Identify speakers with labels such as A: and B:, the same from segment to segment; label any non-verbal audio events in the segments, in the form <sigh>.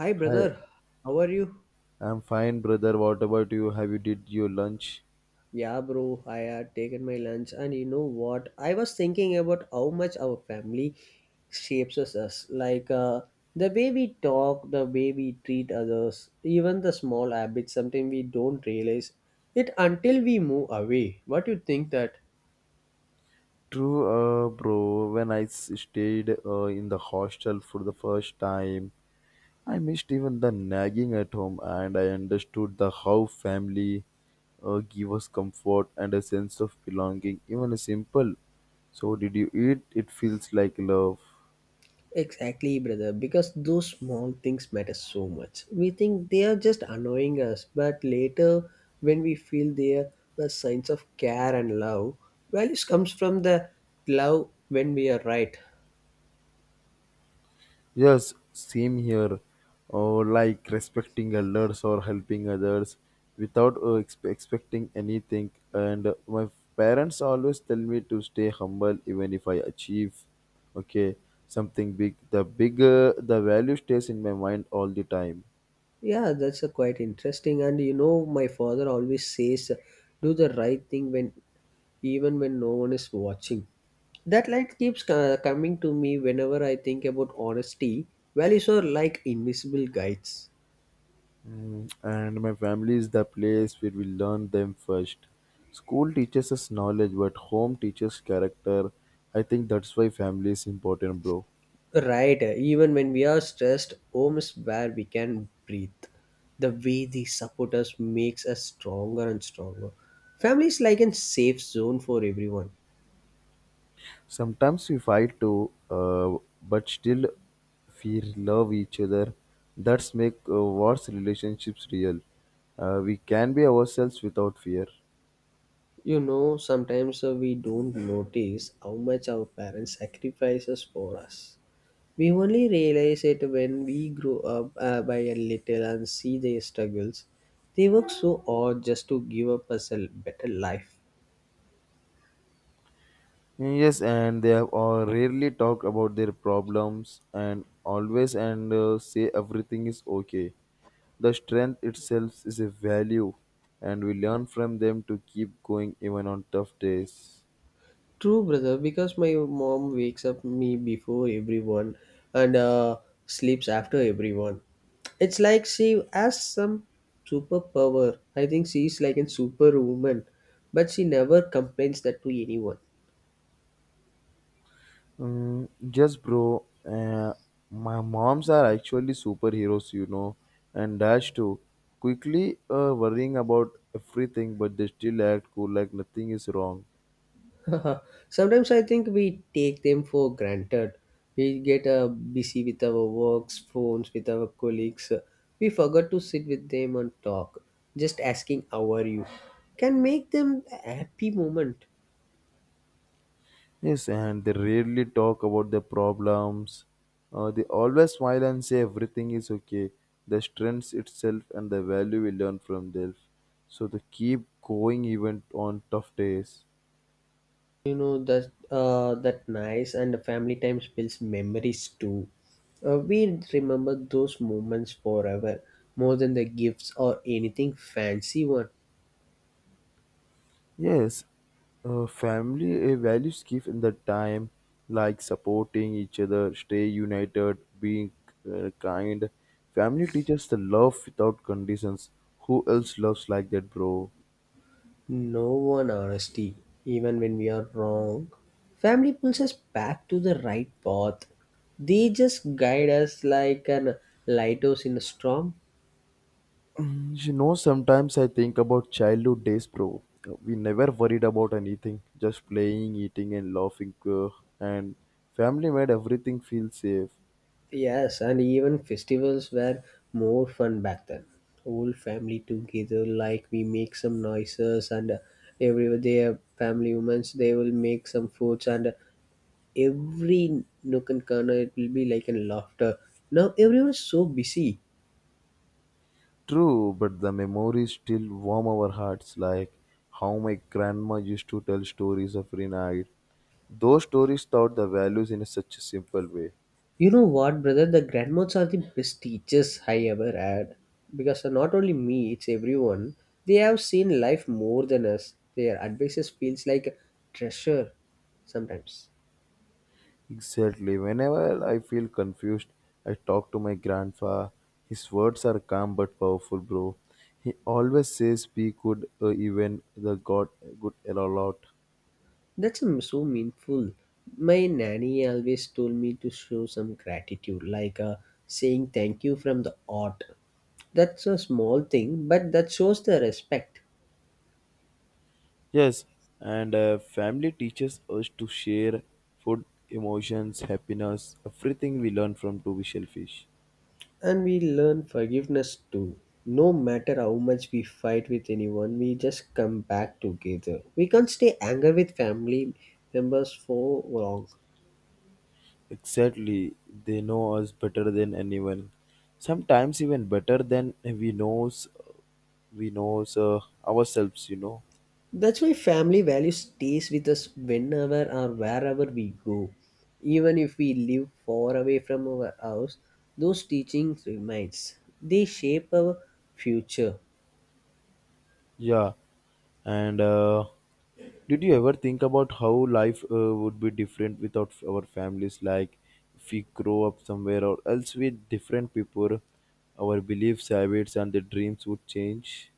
A: Hi
B: Hi,
A: brother, how are you?
B: I'm fine, brother. What about you? Have you did your lunch?
A: Yeah bro, I had taken my lunch and you know what? I was thinking about how much our family shapes us, like the way we talk, the way we treat others, even the small habits sometimes we don't realize it until we move away. What you think that?
B: True, bro. When I stayed in the hostel for the first time, I missed even the nagging at home, and I understood the how family give us comfort and a sense of belonging, even a simple. So, did you eat? It feels like love.
A: Exactly, brother, because those small things matter so much. We think they are just annoying us, but later when we feel they are the signs of care and love, values comes from the love when we are right.
B: Yes, same here. Or like respecting elders or helping others without expecting anything. And my parents always tell me to stay humble even if I achieve, okay, something big. The bigger the value stays in my mind all the time.
A: Yeah, that's a quite interesting. And you know, my father always says, "Do the right thing when, even when no one is watching." That light keeps coming to me whenever I think about honesty. Values are like invisible guides.
B: Mm, and my family is the place where we learn them first. School teaches us knowledge, but home teaches character. I think that's why family is important, bro.
A: Right, even when we are stressed, home is where we can breathe. The way they support us makes us stronger and stronger. Family is like a safe zone for everyone.
B: Sometimes we fight too, but still we love each other. That's make what's relationships real. We can be ourselves without fear.
A: You know, sometimes we don't notice how much our parents sacrifices for us. We only realize it when we grow up by a little and see their struggles. They work so hard just to give up us a better life.
B: Yes, and they have all rarely talk about their problems and always and say everything is okay. The strength itself is a value, and we learn from them to keep going even on tough days.
A: True, brother, because my mom wakes up me before everyone and sleeps after everyone. It's like she has some superpower. I think she's like a superwoman, but she never complains that to anyone.
B: Mm, yes, bro. My moms are actually superheroes, you know, and Dash too. Quickly worrying about everything, but they still act cool like nothing is wrong.
A: <laughs> Sometimes I think we take them for granted. We get busy with our works, phones, with our colleagues. We forgot to sit with them and talk. Just asking, "How are you?" can make them a happy moment.
B: Yes, and they rarely talk about their problems. They always smile and say everything is okay. The strengths itself and the value we learn from them. So they keep going even on tough days.
A: You know that that nice and the family time builds memories too. We remember those moments forever, more than the gifts or anything fancy. One,
B: Yes, family values given the time, like supporting each other, stay united, being kind. Family teaches the love without conditions. Who else loves like that, bro?
A: no one honesty, even when we are wrong. Family pulls us back to the right path. They just guide us like an lighthouse in a storm.
B: You know, sometimes I think about childhood days, bro. We never worried about anything, just playing, eating, and laughing. And family made everything feel safe.
A: Yes, and even festivals were more fun back then. Whole family together, like we make some noises, and every day family women's they will make some foods, and every nook and corner it will be like a laughter. Now everyone is so busy.
B: True, but the memories still warm our hearts, like how my grandma used to tell stories every night. Those stories taught the values in such a simple way.
A: You know what, brother? The grandmas are the best teachers I ever had because not only me, it's everyone. They have seen life more than us. Their advices feels like a treasure sometimes.
B: Exactly. Whenever I feel confused, I talk to my grandpa. His words are calm but powerful, bro. He always says be good even the God good a lot.
A: That's so meaningful. My nanny always told me to show some gratitude, like saying thank you from the heart. That's a small thing, but that shows the respect.
B: Yes, and family teaches us to share food, emotions, happiness, everything we learn from to be shellfish.
A: And we learn forgiveness too. No matter how much we fight with anyone, we just come back together. We can't stay angry with family members for long.
B: Exactly. They know us better than anyone. Sometimes even better than we knows ourselves, you know.
A: That's why family value stays with us whenever or wherever we go. Even if we live far away from our house, those teachings remains. They shape our future.
B: Yeah. And did you ever think about how life would be different without our families? Like if we grow up somewhere or else with different people, our beliefs, habits, and the dreams would change.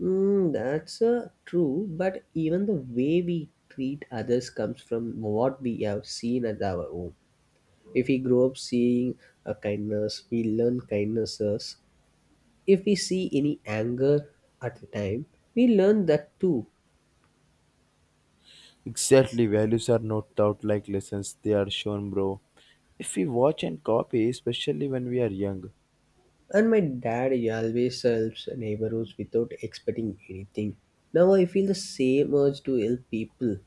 A: That's true, but even the way we treat others comes from what we have seen at our home. If we grow up seeing a kindness, we learn kindnesses. If we see any anger at the time, we learn that too.
B: Exactly, values are not taught like lessons, they are shown, bro. If we watch and copy, especially when we are young.
A: And my dad he always helps neighbors without expecting anything. Now I feel the same urge to help people.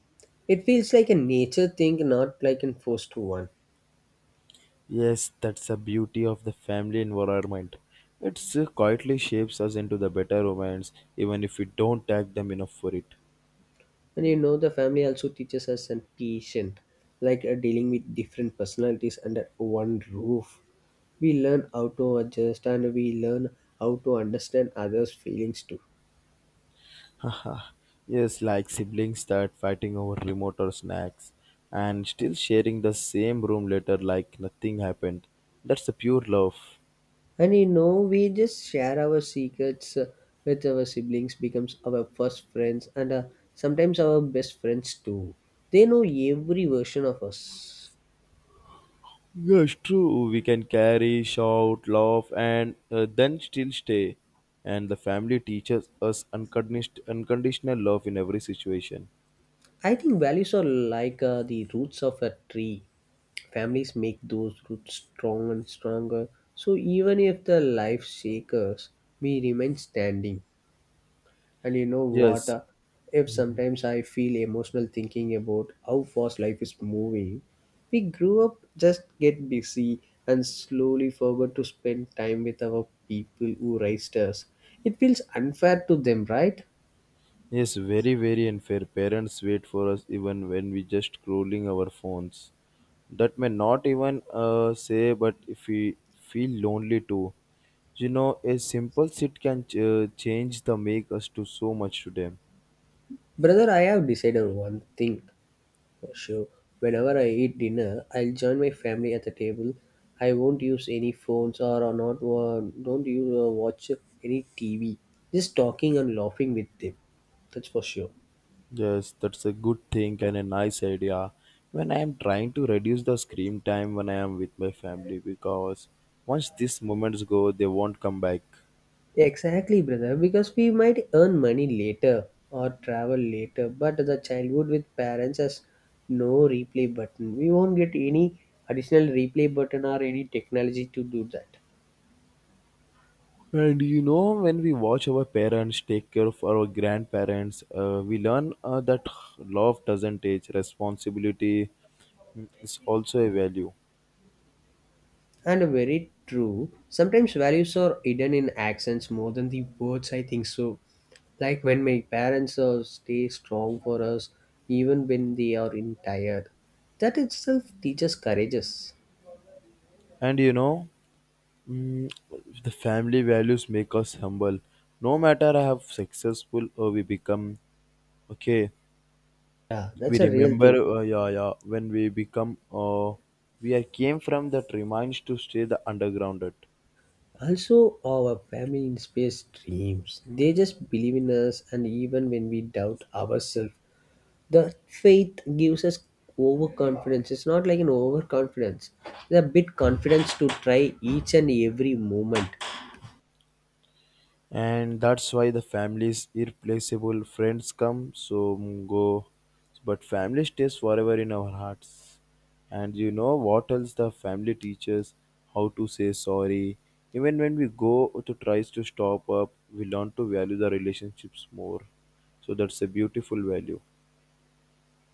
A: It feels like a nature thing, not like a forced one.
B: Yes, that's the beauty of the family environment. It quietly shapes us into the better romance, even if we don't tag them enough for it.
A: And you know, the family also teaches us and patient, like dealing with different personalities under one roof. We learn how to adjust and we learn how to understand others' feelings too.
B: <laughs> Yes, like siblings start fighting over remote or snacks, and still sharing the same room later like nothing happened. That's the pure love.
A: And you know, we just share our secrets with our siblings, becomes our first friends, and sometimes our best friends too. They know every version of us.
B: Yes, true. We can carry, shout, laugh, and then still stay. And the family teaches us unconditional love in every situation.
A: I think values are like the roots of a tree. Families make those roots strong and stronger. So even if the life shakes us, we remain standing. And you know what?
B: Yes,
A: If sometimes I feel emotional thinking about how fast life is moving, we grew up just get busy and slowly forgot to spend time with our people who raised us. It feels unfair to them, right?
B: yes, very, very unfair. Parents wait for us even when we just scrolling our phones. That may not even say, but if we feel lonely too, you know, a simple sit can change the make us to so much today.
A: Brother, I have decided one thing for sure. Whenever I eat dinner, I'll join my family at the table. I won't use any phones or not don't use watch any TV. Just talking and laughing with them. That's for sure.
B: Yes, that's a good thing and a nice idea. When I am trying to reduce the screen time when I am with my family because once these moments go, they won't come back.
A: Exactly, brother, because we might earn money later or travel later, but the childhood with parents has no replay button. We won't get any additional replay button or any technology to do that.
B: And you know, when we watch our parents take care of our grandparents, we learn that love doesn't age, responsibility is also a value.
A: And very true, sometimes values are hidden in accents more than the words, I think so. Like when my parents stay strong for us, even when they are in tired. That itself teaches courageous.
B: And you know, mm, the family values make us humble. No matter how successful we become, okay.
A: Yeah,
B: We
A: that's a real
B: remember,
A: thing.
B: yeah, yeah, when we become, we are came from the tree mines to stay the undergrounded,
A: Also, our family inspires dreams. They just believe in us, and even when we doubt ourselves, the faith gives us overconfidence. It's not like an overconfidence, it's a bit confidence to try each and every moment.
B: and that's why the families irreplaceable. Friends come, so mm, go, but family stays forever in our hearts. And you know what else? The family teaches how to say sorry. Even when we go to tries to stop up, we learn to value the relationships more. So that's a beautiful value.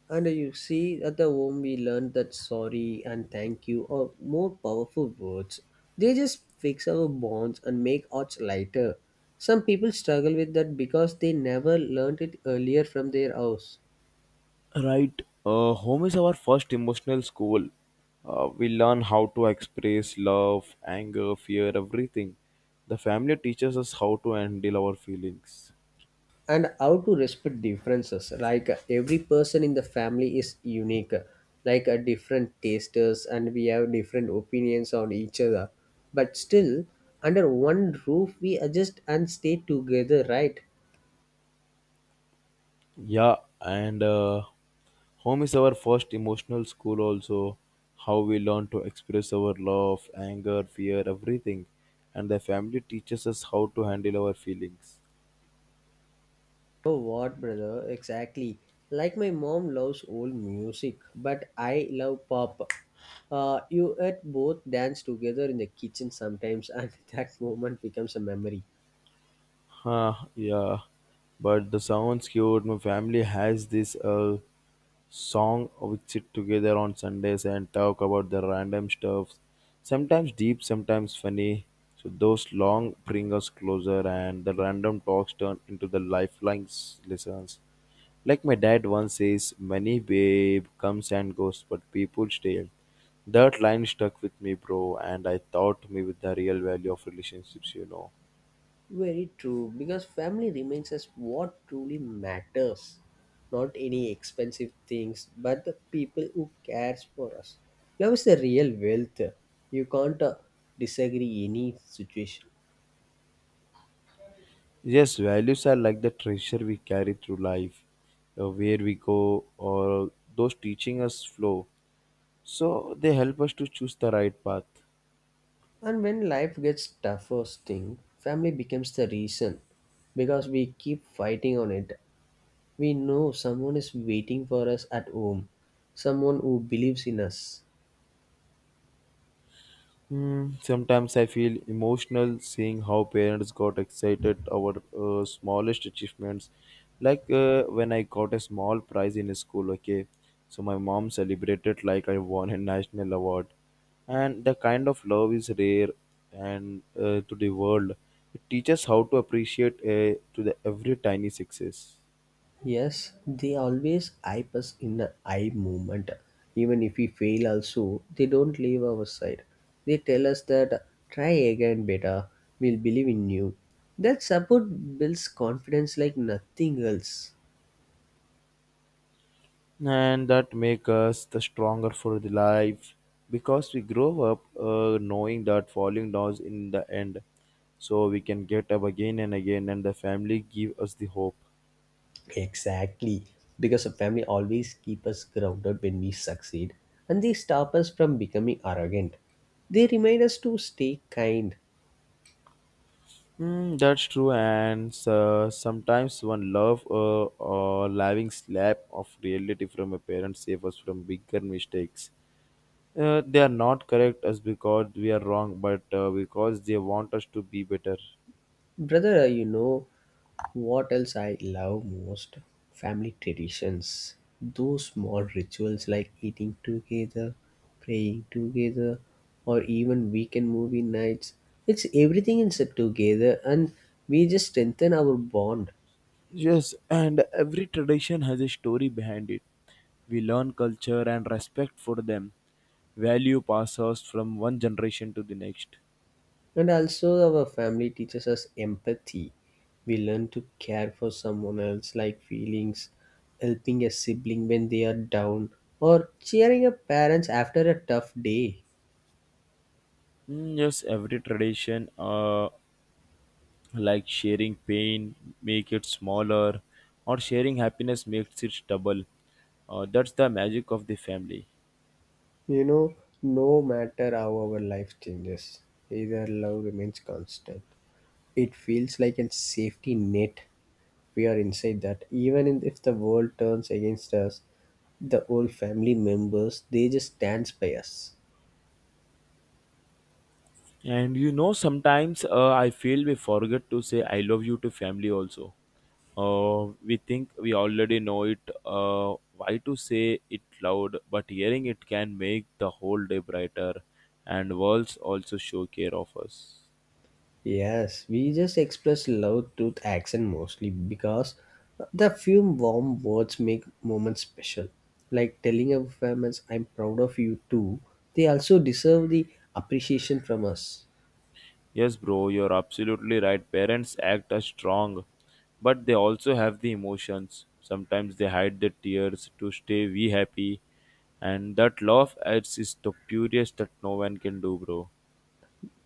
A: And you see, at the home, we learned that sorry and thank you are more powerful words. They just fix our bonds and make odds lighter. Some people struggle with that because they never learned it earlier from their house.
B: Right. Home is our first emotional school. We learn how to express love, anger, fear, everything. The family teaches us how to handle our feelings.
A: And how to respect differences, like every person in the family is unique, like a different tasters and we have different opinions on each other, but still under one roof we adjust and stay together, right?
B: Yeah, and home is our first emotional school, also. How we learn to express our love, anger, fear, everything. And the family teaches us how to handle our feelings.
A: Oh what brother, exactly, like my mom loves old music but I love pop. You at both dance together in the kitchen sometimes, and <laughs> that moment becomes a memory.
B: Huh, yeah, but the sounds cute. My family has this song we sit together on Sundays and talk about the random stuff. Sometimes deep, sometimes funny. So those long bring us closer, and the random talks turn into the lifelong lessons. Like my dad once says, "Money, babe, comes and goes, but people stay." That line stuck with me, bro, and I taught me with the real value of relationships. You know.
A: Very true, because family remains us what truly matters, not any expensive things, but the people who cares for us. Love is the real wealth. You can't disagree any situation.
B: Yes, values are like the treasure we carry through life, where we go, or those teaching us flow. So they help us to choose the right path.
A: And when life gets tougher, thing, family becomes the reason, because we keep fighting on it. We know someone is waiting for us at home, someone who believes in us.
B: Hmm, sometimes I feel emotional seeing how parents got excited about smallest achievements. Like when I got a small prize in school, okay, so my mom celebrated like I won a national award. And the kind of love is rare and to the world. It teaches how to appreciate to the every tiny success.
A: Yes, they always hype us in an eye movement. Even if we fail also, they don't leave our side. They tell us that try again better, we'll believe in you. That support builds confidence like nothing else.
B: And that make us the stronger for the life because we grow up knowing that falling down in the end, so we can get up again and again, and the family give us the hope.
A: Exactly. Because a family always keep us grounded when we succeed and they stop us from becoming arrogant. They remind us to stay kind.
B: Mm, that's true, and sometimes one love or loving slap of reality from a parent save us from bigger mistakes. They are not correct us because we are wrong, but because they want us to be better.
A: Brother, you know what else I love most? Family traditions. Those small rituals like eating together, praying together, or even weekend movie nights. It's everything is together and we just strengthen our bond.
B: Yes, and every tradition has a story behind it. We learn culture and respect for them. Value passes from one generation to the next.
A: And also, our family teaches us empathy. We learn to care for someone else, like feelings, helping a sibling when they are down, or cheering up parents after a tough day.
B: Mm, yes, every tradition, like sharing pain, make it smaller, or sharing happiness makes it double. That's the magic of the family.
A: You know, no matter how our life changes, either love remains constant. It feels like a safety net we are inside that. Even if the world turns against us, the old family members they just stands by us.
B: And you know, sometimes I feel we forget to say I love you to family also. We think we already know it. Why to say it loud? But hearing it can make the whole day brighter, and worlds also show care of us.
A: Yes, we just express love through action mostly because the few warm words make moments special. Like telling our families, "I'm proud of you too." They also deserve the appreciation from us.
B: Yes, bro, you're absolutely right. Parents act as strong, but they also have the emotions. Sometimes they hide the tears to stay we happy, and that love adds is the purest that no one can do, bro.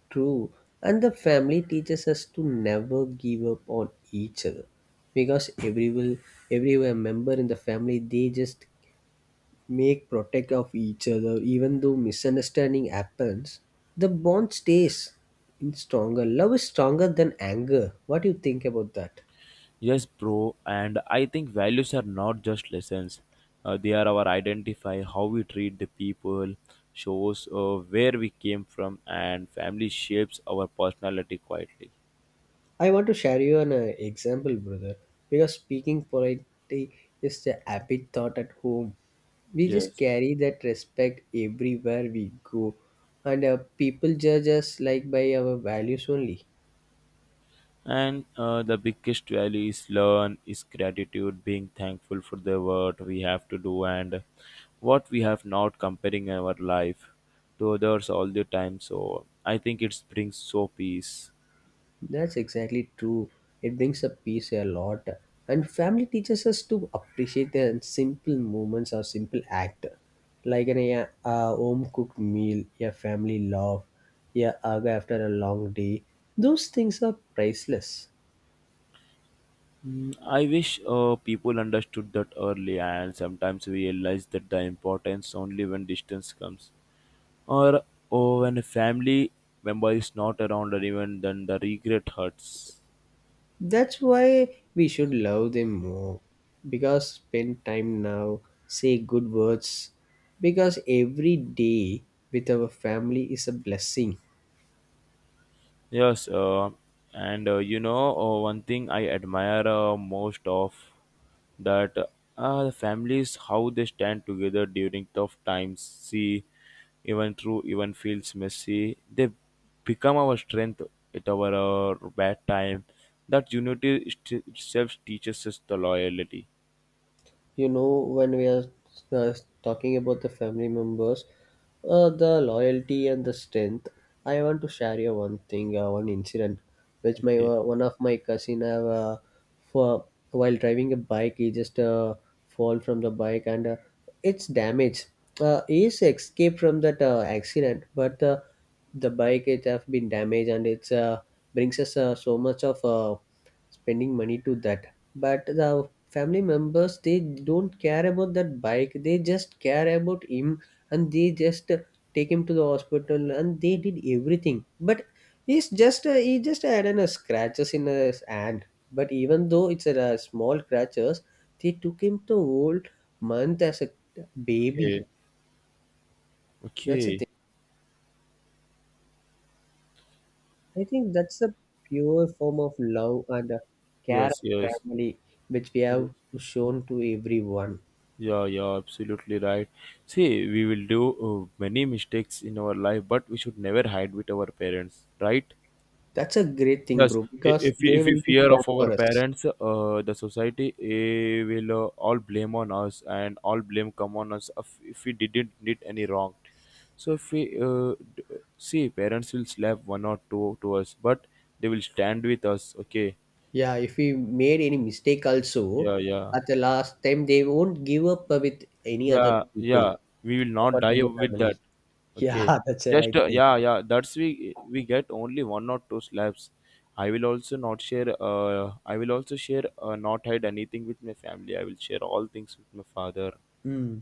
A: True. And the family teaches us to never give up on each other. Because every member in the family they just make protect of each other. Even though misunderstanding happens, the bond stays in stronger. Love is stronger than anger. What do you think about that?
B: Yes, bro, and I think values are not just lessons. They are our identify, how we treat the people, shows where we came from, and family shapes our personality quietly.
A: I want to share you an example, brother, because speaking politely is the habit thought at home. We just
B: Yes,
A: carry that respect everywhere we go, and people judge us like by our values only.
B: and the biggest value is learn, is gratitude, being thankful for the work we have to do and what we have not, comparing our life to others all the time. So I think it brings so peace.
A: That's exactly true. It brings up peace a lot. And family teaches us to appreciate the simple moments or simple act, like an a home cooked meal, a family laugh, a hug after a long day. Those things are priceless.
B: Mm, I wish people understood that early, and sometimes we realize that the importance only when distance comes, or when a family member is not around, or even then the regret hurts.
A: That's why we should love them more. Because spend time now, say good words. Because every day with our family is a blessing.
B: Yes, and you know, one thing I admire most of that the families how they stand together during tough times. See, even through even feels messy, they become our strength at our bad time. That unity itself teaches us the loyalty.
A: You know, when we are uh, talking about the family members, the loyalty and the strength, I want to share you one thing, one incident which my
B: Okay,
A: one of my cousin have, for while driving a bike he just fall from the bike and it's damaged. He's escaped from that accident, but the bike it have been damaged and it's brings us so much of spending money to that. But the family members they don't care about that bike, they just care about him, and they just take him to the hospital and they did everything. But he's just he just had a scratches in his hand, but even though it's a small scratches, they took him to whole month as a baby.
B: okay,
A: That's the
B: okay.
A: thing. I think that's a pure form of love and care
B: Yes,
A: of
B: yes.
A: family which we have shown to everyone.
B: Yeah, yeah, absolutely right. See, we will do many mistakes in our life, but we should never hide with our parents, right?
A: That's a great thing,
B: Yes,
A: bro, because they
B: if we
A: will be
B: fear
A: scared
B: of our
A: for us.
B: parents, the society will all blame on us, and all blame come on us if we didn't did any wrong. So if see, parents will slap one or two to us, but they will stand with us. Okay.
A: Yeah, if we made any mistake also,
B: Yeah, yeah.
A: at the last time, they won't give up with any other
B: Yeah,
A: people
B: yeah, we will not
A: apart
B: die
A: from the
B: with
A: family.
B: that.
A: <laughs>
B: Okay,
A: Yeah, that's a
B: just
A: right thing.
B: yeah, yeah, that's we get only one or two slabs. I will also not share, I will also share, not hide anything with my family. I will share all things with my father.
A: Mm,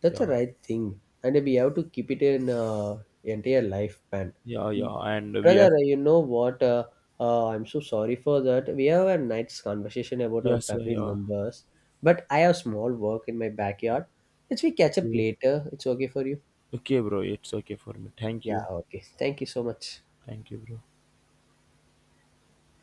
A: that's a
B: Yeah,
A: right thing, and we have to keep it in entire lifespan.
B: yeah, yeah, and we have.
A: Brother, you know what? I'm so sorry for that. We have a nice conversation about our
B: Yes,
A: family
B: yeah.
A: members, but I have small work in my backyard. Let's we catch up
B: Okay,
A: later. It's okay for you?
B: okay, bro, it's okay for me, thank
A: Yeah,
B: you.
A: okay. Thank you so much.
B: Thank you, bro.